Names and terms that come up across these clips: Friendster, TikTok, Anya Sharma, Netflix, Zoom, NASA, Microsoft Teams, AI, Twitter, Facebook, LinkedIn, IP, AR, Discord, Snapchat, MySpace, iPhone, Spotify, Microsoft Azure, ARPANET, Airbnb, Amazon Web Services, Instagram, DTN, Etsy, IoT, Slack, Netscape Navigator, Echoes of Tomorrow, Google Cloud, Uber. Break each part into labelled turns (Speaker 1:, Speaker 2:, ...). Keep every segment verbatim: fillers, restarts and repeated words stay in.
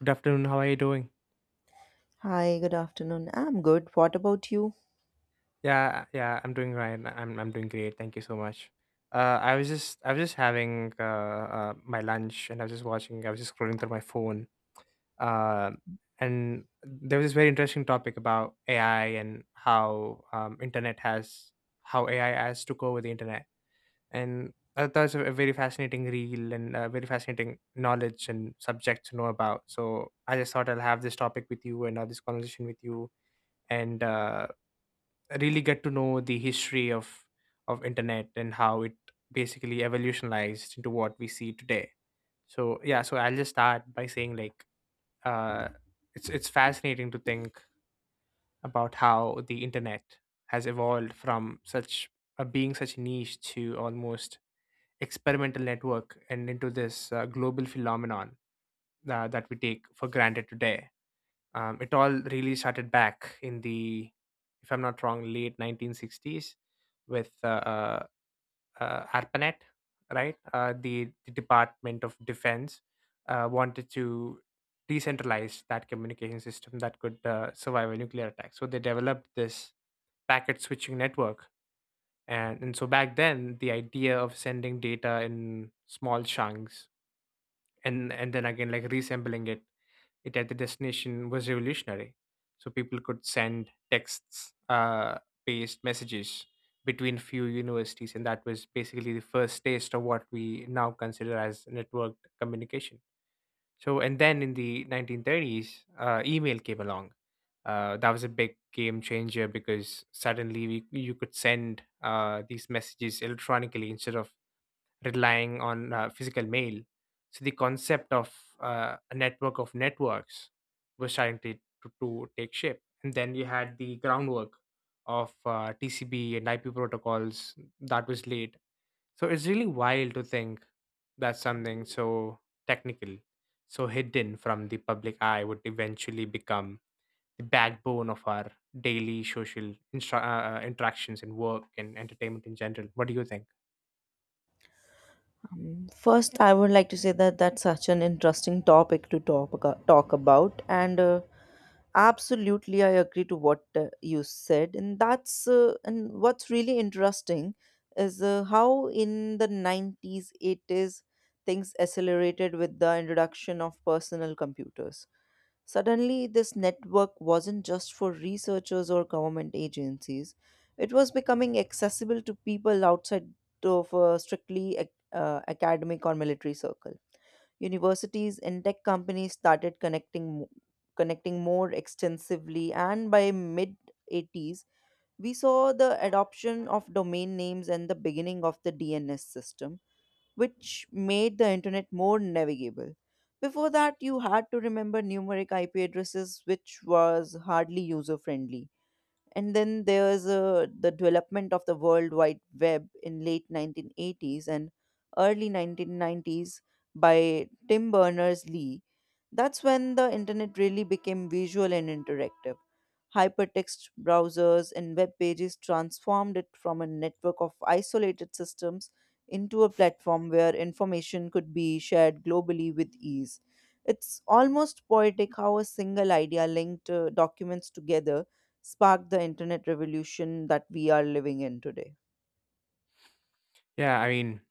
Speaker 1: Good afternoon. How are you doing?
Speaker 2: Hi, good afternoon. I'm good. What about you?
Speaker 1: Yeah, yeah, I'm doing right. I'm I'm doing great. Thank you so much. Uh, I was just I was just having uh, uh my lunch and I was just watching. I was just scrolling through my phone. Uh, and there was this very interesting topic about A I and how um internet has how A I has took over the internet. And uh, that was a a very fascinating reel and uh, very fascinating knowledge and subject to know about. So I just thought I'll have this topic with you and have this conversation with you and uh, really get to know the history of of internet and how it basically evolutionized into what we see today. So yeah, so I'll just start by saying, like, uh it's it's fascinating to think about how the internet has evolved from such uh, being such niche to almost experimental network and into this uh, global phenomenon uh, that we take for granted today. Um, it all really started back in the, if I'm not wrong, late nineteen sixties with uh, uh, uh, arpanet, right? Uh, the, the department of defense uh, wanted to decentralize that communication system that could uh, survive a nuclear attack, so they developed this packet switching network. And, and so back then the idea of sending data in small chunks and and then again like reassembling it it at the destination was revolutionary. So people could send texts, uh, paste messages between few universities, and that was basically the first taste of what we now consider as networked communication. So, and then in the nineteen thirties, uh, email came along. Uh, that was a big game changer because suddenly we, you could send uh, these messages electronically instead of relying on uh, physical mail. So the concept of uh, a network of networks was starting to, to, to take shape. And then you had the groundwork of uh, T C P and I P protocols that was laid. So it's really wild to think that something so technical, so hidden from the public eye would eventually become the backbone of our daily social instra- uh, uh, interactions and work and entertainment in general. What do you think?
Speaker 2: Um, first, I would like to say that that's such an interesting topic to talk abo- talk about, and uh, absolutely, I agree to what uh, you said. And that's uh, and what's really interesting is uh, how in the nineties, eighties, things accelerated with the introduction of personal computers. Suddenly, this network wasn't just for researchers or government agencies, it was becoming accessible to people outside of a strictly ac- uh, academic or military circle. Universities and tech companies started connecting, mo- connecting more extensively, and by mid eighties, we saw the adoption of domain names and the beginning of the D N S system which made the internet more navigable. Before that, you had to remember numeric I P addresses, which was hardly user friendly. And then there's uh, the development of the World Wide Web in late nineteen eighties and early nineteen nineties by Tim Berners-Lee. That's when the internet really became visual and interactive. Hypertext browsers and web pages transformed it from a network of isolated systems into a platform where information could be shared globally with ease. It's almost poetic how a single idea linked uh, documents together sparked the internet revolution that we are living in today.
Speaker 1: Yeah, I mean,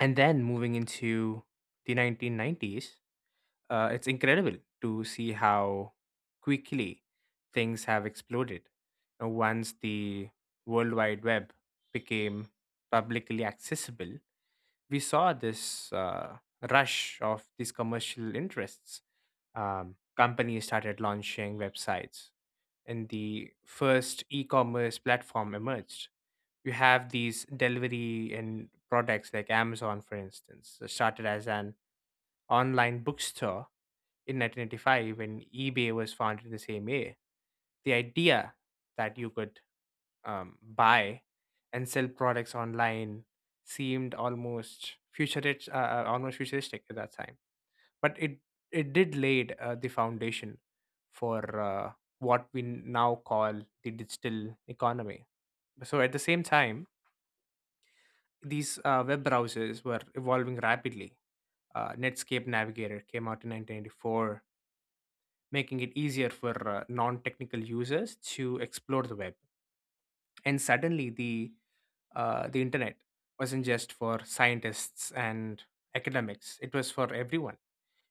Speaker 1: and then moving into the nineteen nineties, uh, it's incredible to see how quickly things have exploded. Uh, Once the World Wide Web became publicly accessible, we saw this uh, rush of these commercial interests. Um, companies started launching websites, and the first e commerce platform emerged. You have these delivery and products like Amazon, for instance, uh, started as an online bookstore in nineteen eighty-five when eBay was founded the same year. The idea that you could um, buy and sell products online seemed almost futuristic, uh, uh, almost futuristic at that time. But it it did laid uh, the foundation for uh, what we now call the digital economy. So at the same time, these uh, web browsers were evolving rapidly. Uh, Netscape Navigator came out in nineteen ninety-four, making it easier for uh, non-technical users to explore the web. And suddenly, the uh, the internet wasn't just for scientists and academics; it was for everyone.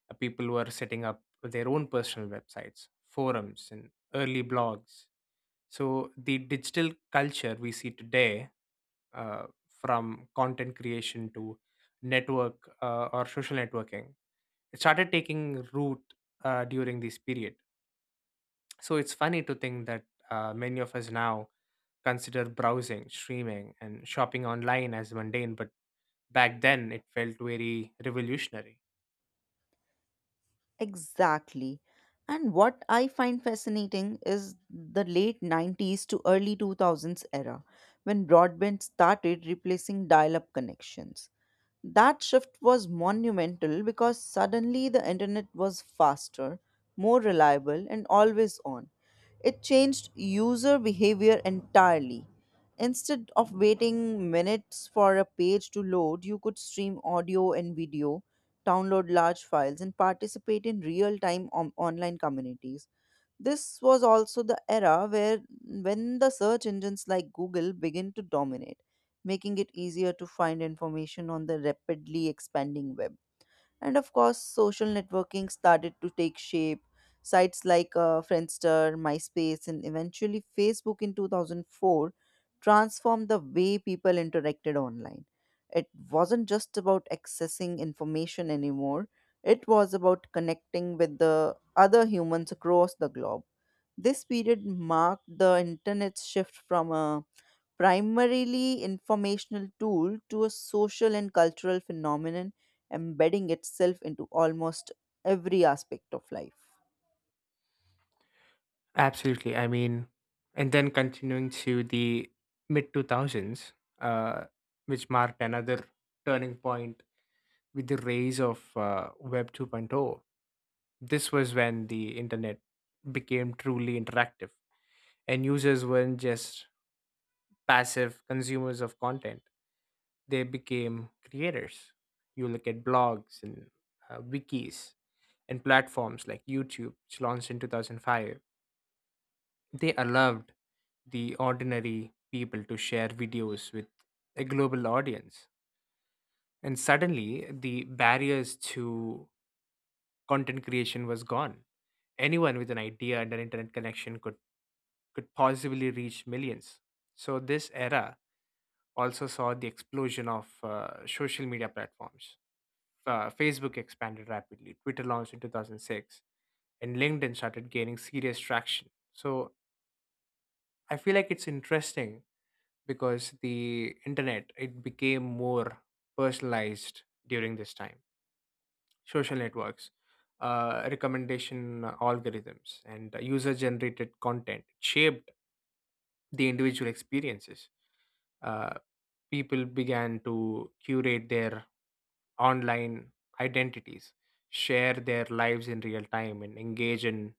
Speaker 1: Uh, People were setting up their own personal websites, forums, and early blogs. So the digital culture we see today, uh, from content creation to network uh, or social networking. It started taking root uh, during this period. So it's funny to think that uh, many of us now consider browsing, streaming, and shopping online as mundane, but back then it felt very revolutionary.
Speaker 2: Exactly. And what I find fascinating is the late nineties to early two thousands era when broadband started replacing dial up connections. That shift was monumental because suddenly the internet was faster, more reliable, and always on. It changed user behavior entirely. Instead of waiting minutes for a page to load, you could stream audio and video, download large files, and participate in real-time on- online communities. This was also the era where when the search engines like Google begin to dominate, making it easier to find information on the rapidly expanding web. And of course, social networking started to take shape. Sites like uh, Friendster, MySpace, and eventually Facebook in two thousand four transformed the way people interacted online. It wasn't just about accessing information anymore, it was about connecting with the other humans across the globe. This period marked the internet's shift from a primarily informational tool to a social and cultural phenomenon embedding itself into almost every aspect of life.
Speaker 1: Absolutely. I mean, and then continuing to the mid two thousands, uh, which marked another turning point with the rise of uh, Web 2.0. This was when the internet became truly interactive, and users weren't just passive consumers of content, they became creators. You look at blogs and uh, wikis and platforms like YouTube, which launched in two thousand five, they allowed the ordinary people to share videos with a global audience. And suddenly, the barriers to content creation was gone. Anyone with an idea and an internet connection could could possibly reach millions. So, this era also saw the explosion of uh, social media platforms. Uh, Facebook expanded rapidly, Twitter launched in two thousand six, and LinkedIn started gaining serious traction. So, I feel like it's interesting because the internet it became more personalized during this time. Social networks, uh, recommendation algorithms, and user generated content shaped the individual experiences. Uh, people began to curate their online identities, share their lives in real time, and engage in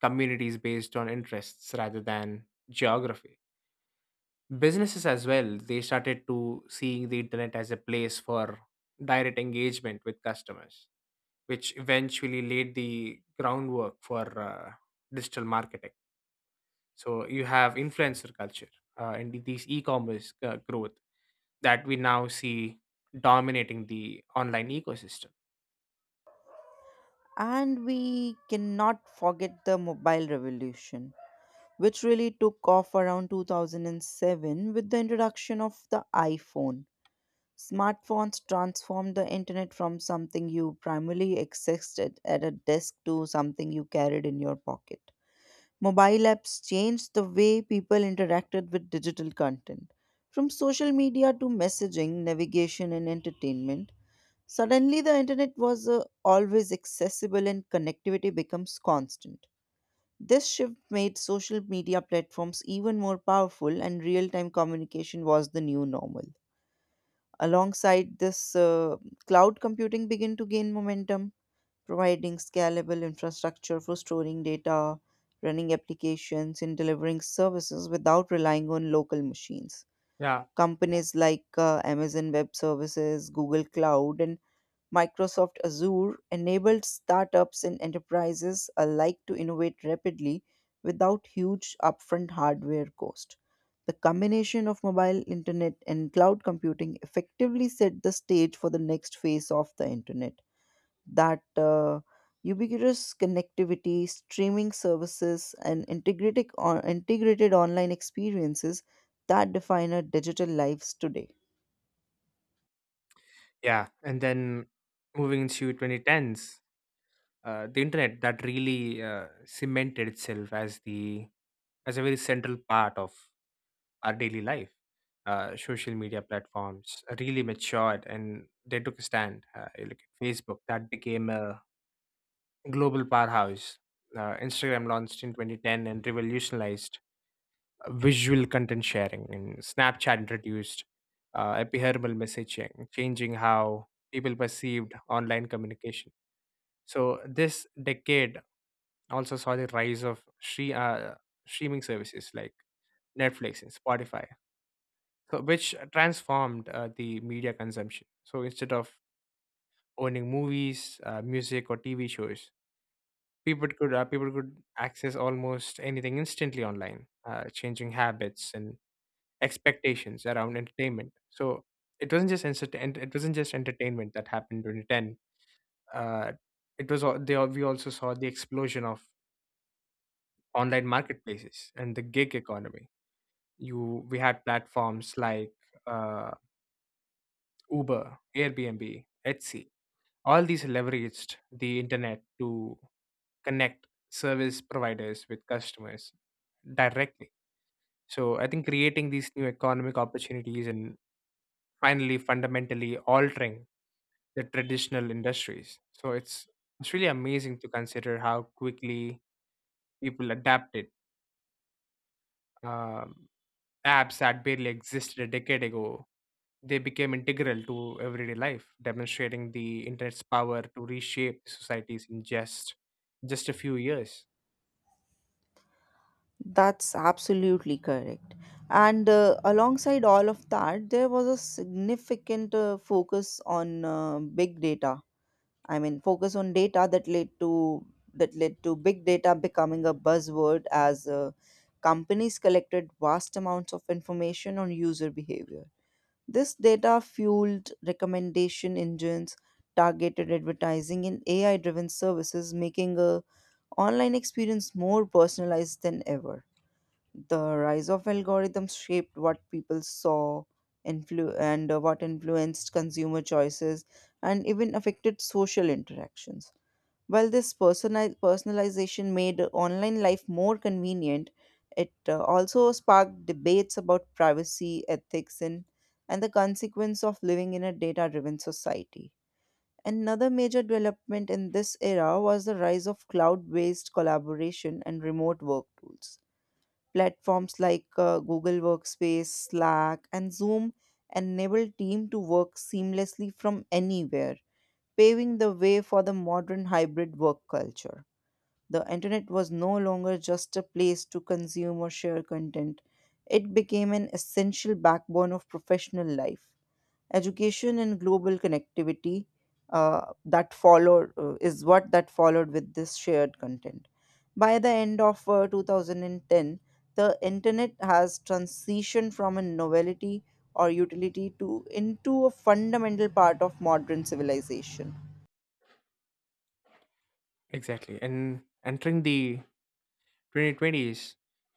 Speaker 1: communities based on interests rather than geography. Businesses as well, they started to seeing the internet as a place for direct engagement with customers, which eventually laid the groundwork for uh, digital marketing. So you have influencer culture uh, and these e-commerce uh, growth that we now see dominating the online ecosystem.
Speaker 2: And we cannot forget the mobile revolution, which really took off around two thousand seven with the introduction of the iPhone. Smartphones transformed the internet from something you primarily accessed at at a desk to something you carried in your pocket. Mobile apps changed the way people interacted with digital content. From social media to messaging, navigation, and entertainment, suddenly the internet was uh, always accessible and connectivity becomes constant. This shift made social media platforms even more powerful, and real time communication was the new normal. Alongside this, uh, cloud computing began to gain momentum providing scalable infrastructure for storing data, running applications, and delivering services without relying on local machines.
Speaker 1: Yeah,
Speaker 2: Companies like uh, Amazon Web Services, Google Cloud, and Microsoft Azure enabled startups and enterprises alike to innovate rapidly without huge upfront hardware cost. The combination of mobile internet and cloud computing effectively set the stage for the next phase of the internet, that uh, ubiquitous connectivity, streaming services, and integrated, on- integrated online experiences that define our digital lives today.
Speaker 1: yeah. And then moving into twenty tens, uh, the internet that really uh, cemented itself as the as a very central part of our daily life. Uh, social media platforms really matured and they took a stand. Uh, you look at Facebook, that became a global powerhouse. Uh, Instagram launched in twenty ten and revolutionized visual content sharing, and snapchat introduced uh, epihermal messaging, changing how people perceived online communication. So this decade also saw the rise of stre- uh, streaming services like netflix and spotify, so which transformed uh, the media consumption. So instead of owning movies, uh, music or tv shows, people could uh, people could access almost anything instantly online, uh, changing habits and expectations around entertainment. So it wasn't just entertain- it wasn't just entertainment that happened in twenty ten. Uh, it was al- they al- We also saw the explosion of online marketplaces and the gig economy. You We had platforms like uh, Uber, Airbnb, Etsy. All these leveraged the internet to connect service providers with customers directly. So I think creating these new economic opportunities and finally fundamentally altering the traditional industries. So it's it's really amazing to consider how quickly people adapted. Um, apps that barely existed a decade ago, they became integral to everyday life, demonstrating the internet's power to reshape societies in just just a few years.
Speaker 2: That's absolutely correct. And uh, alongside all of that, there was a significant uh, focus on uh, big data. I mean, focus on data that led to that led to big data becoming a buzzword as uh, companies collected vast amounts of information on user behavior. This data fueled recommendation engines, targeted advertising, and A I-driven services, making a online experience more personalized than ever. The rise of algorithms shaped what people saw, influ- and uh, what influenced consumer choices, and even affected social interactions. While this personal personalization made online life more convenient, it uh, also sparked debates about privacy, ethics, and, and the consequence of living in a data driven society. Another major development in this era was the rise of cloud based collaboration and remote work tools. Platforms like uh, Google Workspace, Slack, and Zoom enable team to work seamlessly from anywhere, paving the way for the modern hybrid work culture. The internet was no longer just a place to consume or share content, it became an essential backbone of professional life. Education and global connectivity uh, that followed uh, is what that followed with this shared content. By the end of uh, twenty ten, the internet has transitioned from a novelty or utility to into a fundamental part of modern civilization.
Speaker 1: Exactly, and entering the twenty twenties,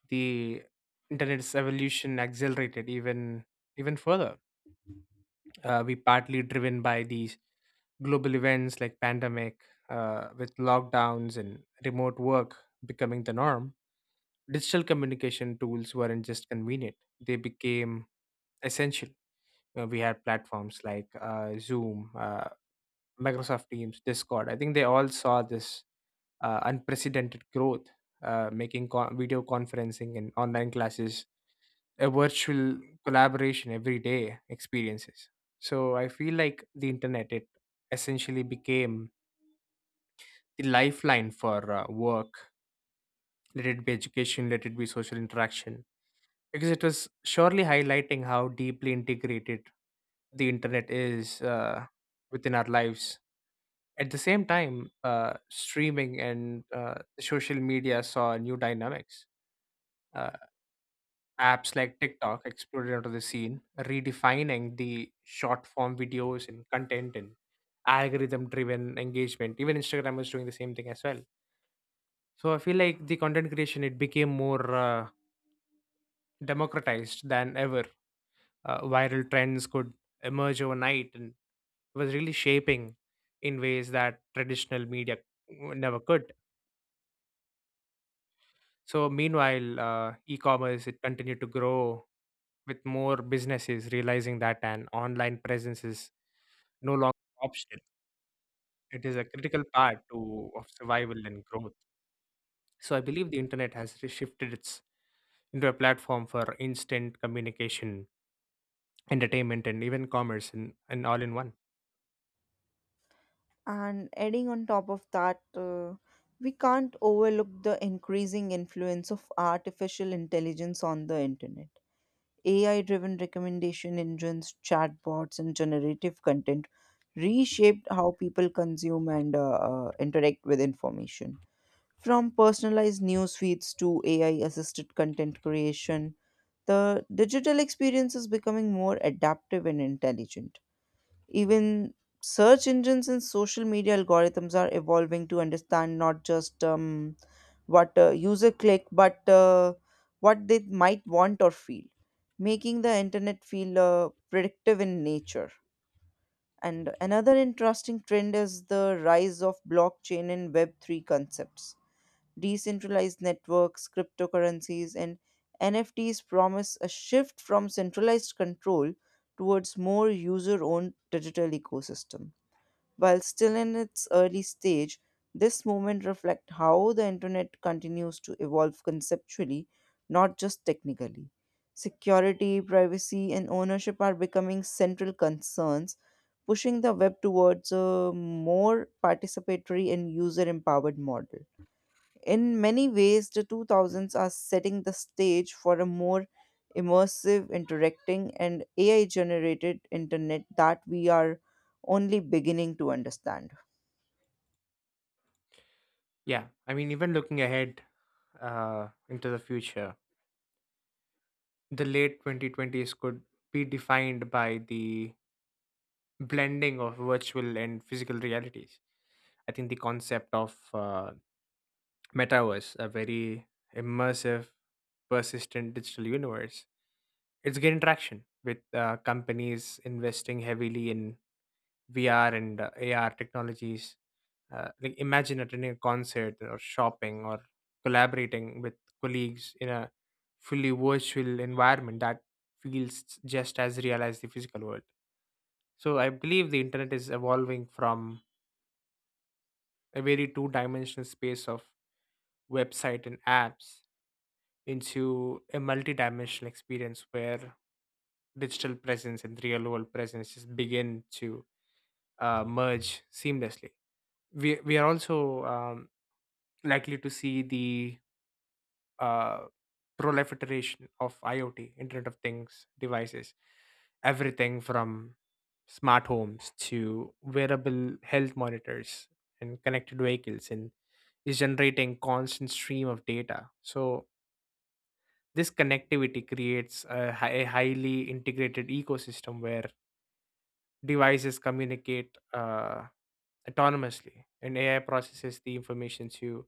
Speaker 1: the internet's evolution accelerated even even further. Uh, we partly driven by these global events like pandemic, uh, with lockdowns and remote work becoming the norm, digital communication tools weren't just convenient, they became essential. Uh, we had platforms like uh, zoom, uh, microsoft teams, discord. I think they all saw this uh, unprecedented growth, uh, making con- video conferencing and online classes a virtual collaboration everyday experiences. So I feel like the internet it essentially became the lifeline for uh, work, let it be education, let it be social interaction, because it was surely highlighting how deeply integrated the internet is uh, within our lives. At the same time, uh, streaming and uh, social media saw new dynamics. Uh, apps like TikTok exploded onto the scene, redefining the short form videos and content and algorithm driven engagement. Even Instagram was doing the same thing as well. So I feel like the content creation it became more uh, democratized than ever. Uh, viral trends could emerge overnight and it was really shaping in ways that traditional media never could. So meanwhile, uh, e-commerce it continued to grow with more businesses realizing that an online presence is no longer an option. It is a critical part to of survival and growth. So I believe the internet has shifted its into a platform for instant communication, entertainment and even commerce, and, and all in one.
Speaker 2: And adding on top of that, uh, we can't overlook the increasing influence of artificial intelligence on the internet. A I driven recommendation engines, chatbots, and generative content reshaped how people consume and uh, uh, interact with information. From personalized news feeds to A I assisted content creation, the digital experience is becoming more adaptive and intelligent. Even search engines and social media algorithms are evolving to understand not just um, what uh, user click, but uh, what they might want or feel, making the internet feel uh, predictive in nature. And another interesting trend is the rise of blockchain and web three concepts. Decentralized networks, cryptocurrencies, and N F Ts promise a shift from centralized control towards more user owned digital ecosystem. While still in its early stage, this movement reflects how the internet continues to evolve conceptually, not just technically. Security, privacy, and ownership are becoming central concerns, pushing the web towards a more participatory and user empowered model. In many ways, the two thousands are setting the stage for a more immersive, interacting, and A I generated internet that we are only beginning to understand.
Speaker 1: Yeah, I mean, even looking ahead uh, into the future, the late twenty twenties could be defined by the blending of virtual and physical realities. I think the concept of uh, metaverse, a very immersive persistent digital universe, it's getting traction with uh, companies investing heavily in V R and uh, A R technologies. Uh, like imagine attending a concert or shopping or collaborating with colleagues in a fully virtual environment that feels just as real as the physical world. So I believe the internet is evolving from a very two-dimensional space of website and apps into a multi-dimensional experience where digital presence and real world presence just begin to uh, merge seamlessly. We we are also um, likely to see the uh, proliferation of IoT, Internet of Things devices, everything from smart homes to wearable health monitors and connected vehicles, and is generating constant stream of data. So this connectivity creates a, hi- a highly integrated ecosystem where devices communicate uh, autonomously, and A I processes the information to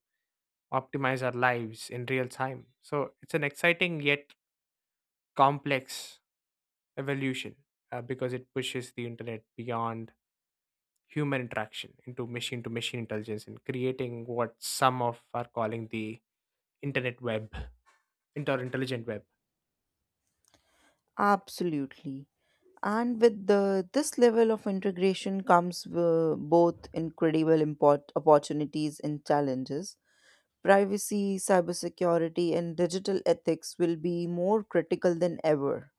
Speaker 1: optimize our lives in real time. So it's an exciting yet complex evolution uh, because it pushes the internet beyond human interaction into machine to machine intelligence and creating what some of are calling the internet web, inter intelligent web.
Speaker 2: Absolutely. And with the, this level of integration comes uh, both incredible import, opportunities and challenges. Privacy, cybersecurity, and digital ethics will be more critical than ever.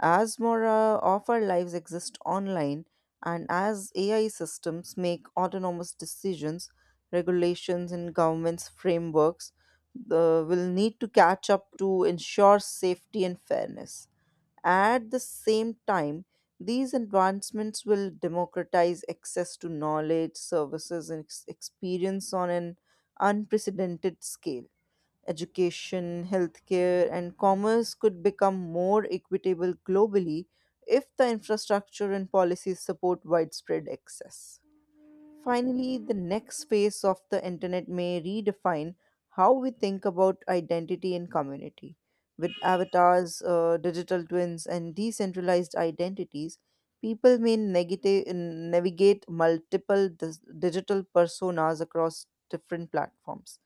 Speaker 2: As more uh, of our lives exist online, and as A I systems make autonomous decisions, regulations and governments' frameworks uh, will need to catch up to ensure safety and fairness. At the same time, these advancements will democratize access to knowledge, services, and ex- experience on an unprecedented scale. Education, healthcare, and commerce could become more equitable globally if the infrastructure and policies support widespread access. Finally, the next phase of the internet may redefine how we think about identity and community. With avatars, uh, digital twins, and decentralized identities, people may negati- navigate multiple dis- digital personas across different platforms.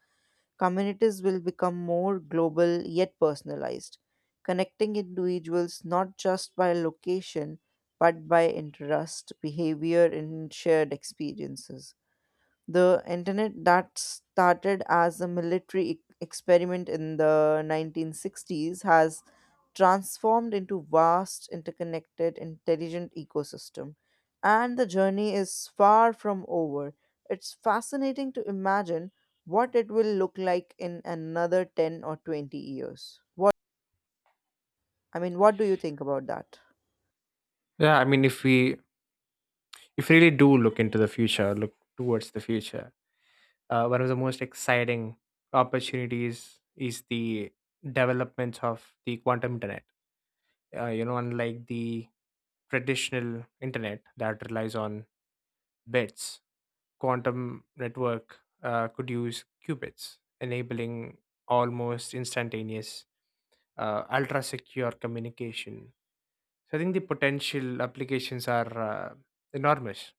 Speaker 2: Communities will become more global yet personalized, connecting individuals not just by location but by interest, behavior, and shared experiences. The internet that started as a military e- experiment in the nineteen sixties has transformed into vast interconnected intelligent ecosystem, and the journey is far from over. It's fascinating to imagine what it will look like in another ten or twenty years. What, I mean, what do you think about that?
Speaker 1: Yeah, I mean, if we if we really do look into the future, look towards the future, uh, one of the most exciting opportunities is the developments of the quantum internet. Uh, you know, unlike the traditional internet that relies on bits, quantum network uh, could use qubits, enabling almost instantaneous, uh, ultra secure communication. So I think the potential applications are uh, enormous,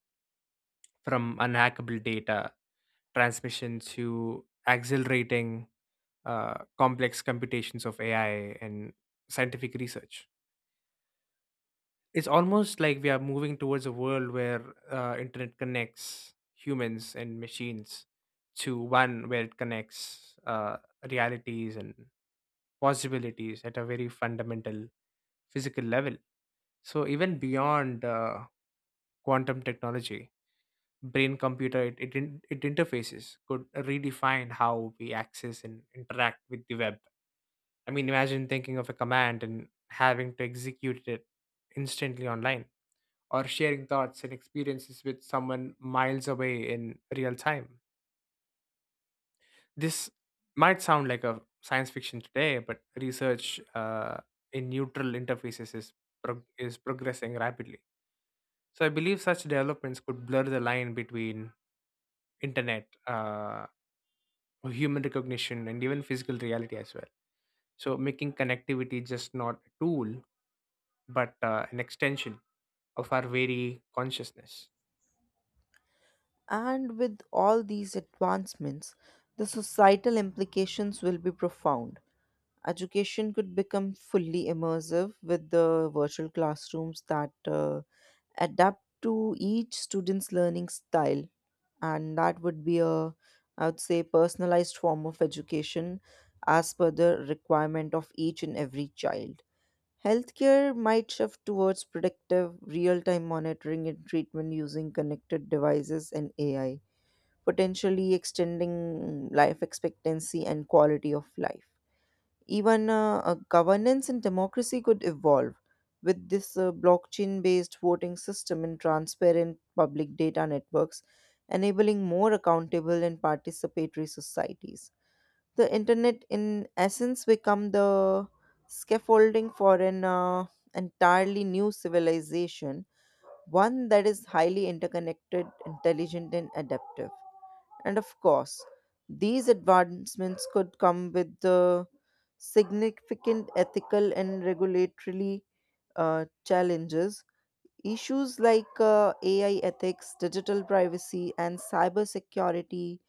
Speaker 1: from unhackable data transmission to accelerating uh, complex computations of A I and scientific research. It's almost like we are moving towards a world where uh, internet connects humans and machines to one where it connects uh, realities and possibilities at a very fundamental physical level. So even beyond uh, quantum technology, brain computer it, it, in- it interfaces could redefine how we access and interact with the web. I mean, imagine thinking of a command and having to execute it instantly online, or sharing thoughts and experiences with someone miles away in real time. This might sound like a science fiction today, but research uh, in neutral interfaces is prog- is progressing rapidly. So I believe such developments could blur the line between internet, uh, human recognition, and even physical reality as well. So making connectivity just not a tool, but uh, an extension of our very consciousness.
Speaker 2: And with all these advancements, the societal implications will be profound. Education could become fully immersive with the virtual classrooms that uh, adapt to each student's learning style. And that would be a, I would say, personalized form of education as per the requirement of each and every child. Healthcare might shift towards predictive, real time monitoring and treatment using connected devices and A I, potentially extending life expectancy and quality of life. Even uh, uh, governance and democracy could evolve with this uh, blockchain based voting system and transparent public data networks, enabling more accountable and participatory societies. The internet, in essence, become the scaffolding for an uh, entirely new civilization, one that is highly interconnected, intelligent, and adaptive. And of course, these advancements could come with the significant ethical and regulatory uh, challenges. Issues like uh, A I ethics, digital privacy, and cybersecurity,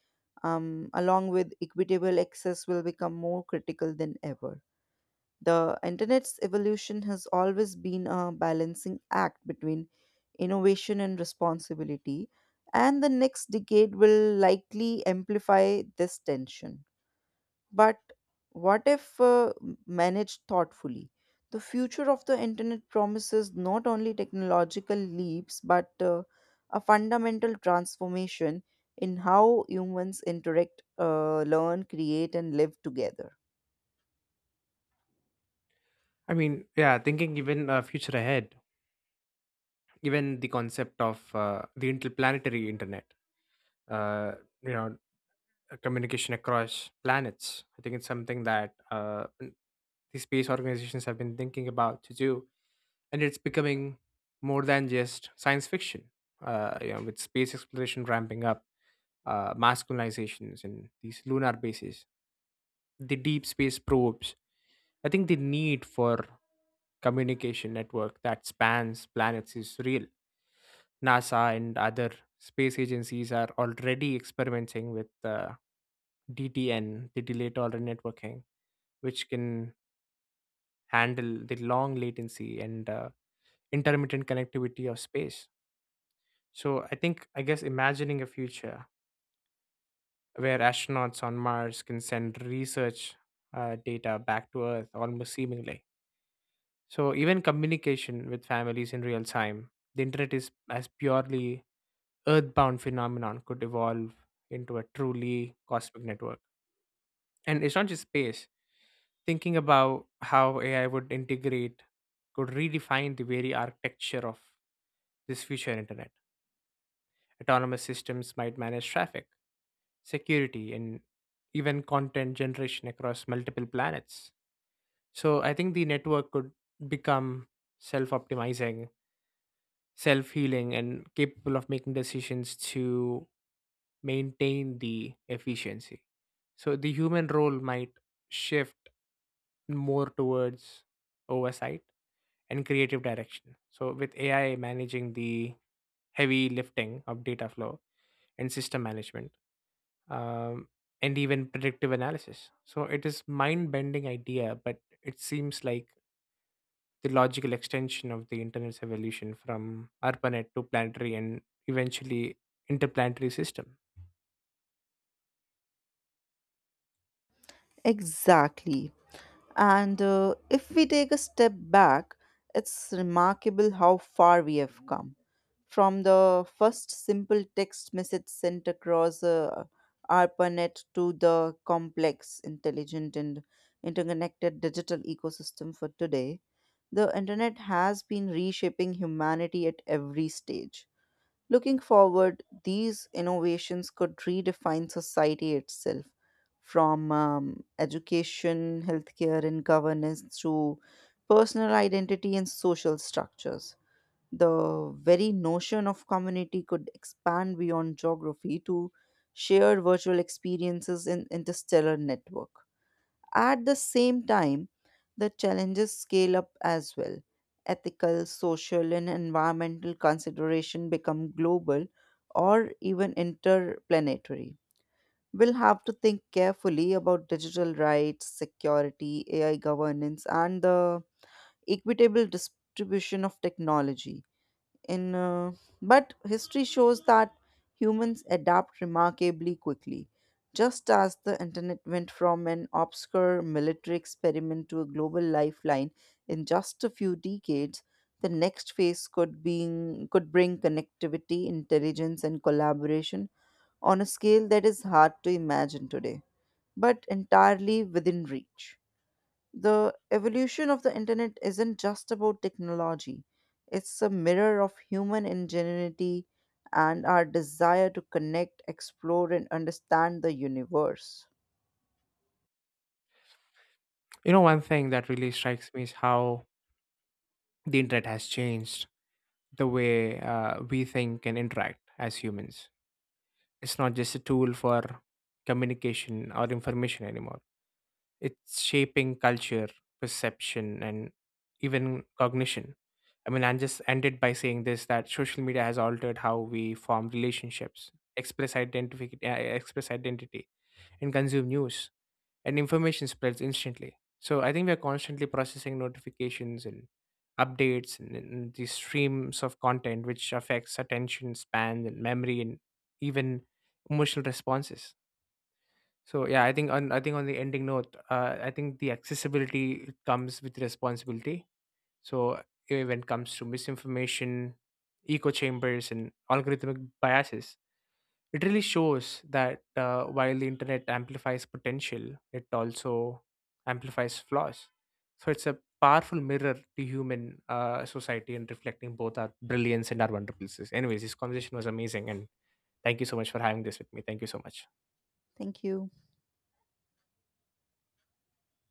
Speaker 2: um, along with equitable access, will become more critical than ever. The internet's evolution has always been a balancing act between innovation and responsibility, and the next decade will likely amplify this tension. But what if uh, managed thoughtfully? The future of the internet promises not only technological leaps but uh, a fundamental transformation in how humans interact, uh, learn, create, and live together.
Speaker 1: I mean, yeah, thinking even uh, future ahead, even the concept of uh, the interplanetary internet, uh, you know uh, communication across planets, I think it's something that uh, n- the space organizations have been thinking about to do, and it's becoming more than just science fiction. Uh, you know with space exploration ramping up, uh, mass colonizations and these lunar bases, the deep space probes, I think the need for communication network that spans planets is real. NASA and other space agencies are already experimenting with uh, D T N, the delayed tolerant networking, which can handle the long latency and uh, intermittent connectivity of space. So I think, I guess, imagining a future where astronauts on Mars can send research uh, data back to Earth almost seemingly. So even communication with families in real time, the internet is as purely Earthbound phenomenon could evolve into a truly cosmic network. And it's not just space. Thinking about how A I would integrate could redefine the very architecture of this future internet. Autonomous systems might manage traffic, security, and even content generation across multiple planets. So I think the network could become self optimizing, self healing, and capable of making decisions to maintain the efficiency. So the human role might shift more towards oversight and creative direction. So with A I managing the heavy lifting of data flow and system management, um, and even predictive analysis. So it is mind-bending idea, but it seems like the logical extension of the internet's evolution from ARPANET to planetary and eventually interplanetary system.
Speaker 2: Exactly. And uh, if we take a step back, it's remarkable how far we have come. From the first simple text message sent across uh, ARPANET to the complex, intelligent, and interconnected digital ecosystem for today, the internet has been reshaping humanity at every stage. Looking forward, these innovations could redefine society itself from um, education, healthcare, and governance to personal identity and social structures. The very notion of community could expand beyond geography to shared virtual experiences in interstellar network. At the same time, the challenges scale up as well. Ethical, social, and environmental consideration become global or even interplanetary. We'll have to think carefully about digital rights, security, A I governance, and the equitable distribution of technology in uh, but history shows that humans adapt remarkably quickly, just as the internet went from an obscure military experiment to a global lifeline in just a few decades. The next phase could being could bring connectivity, intelligence, and collaboration on a scale that is hard to imagine today but entirely within reach. The evolution of the internet isn't just about technology, it's a mirror of human ingenuity and our desire to connect, explore, and understand the universe.
Speaker 1: You know, one thing that really strikes me is how the internet has changed the way uh, we think and interact as humans. It's not just a tool for communication or information anymore. It's shaping culture, perception, and even cognition. I mean, I just ended by saying this that social media has altered how we form relationships, express identity, express identity, and consume news and information spreads instantly. So I think we are constantly processing notifications and updates and, and these streams of content, which affects attention span and memory and even emotional responses. So yeah, I think on I think on the ending note, uh, I think the accessibility comes with responsibility. So eh, when it comes to misinformation, echo chambers, and algorithmic biases, it really shows that uh, while the internet amplifies potential, it also amplifies flaws. So it's a powerful mirror to human uh, society and reflecting both our brilliance and our wonderfulness. Anyways, this conversation was amazing, and thank you so much for having this with me. Thank you so much.
Speaker 2: Thank you.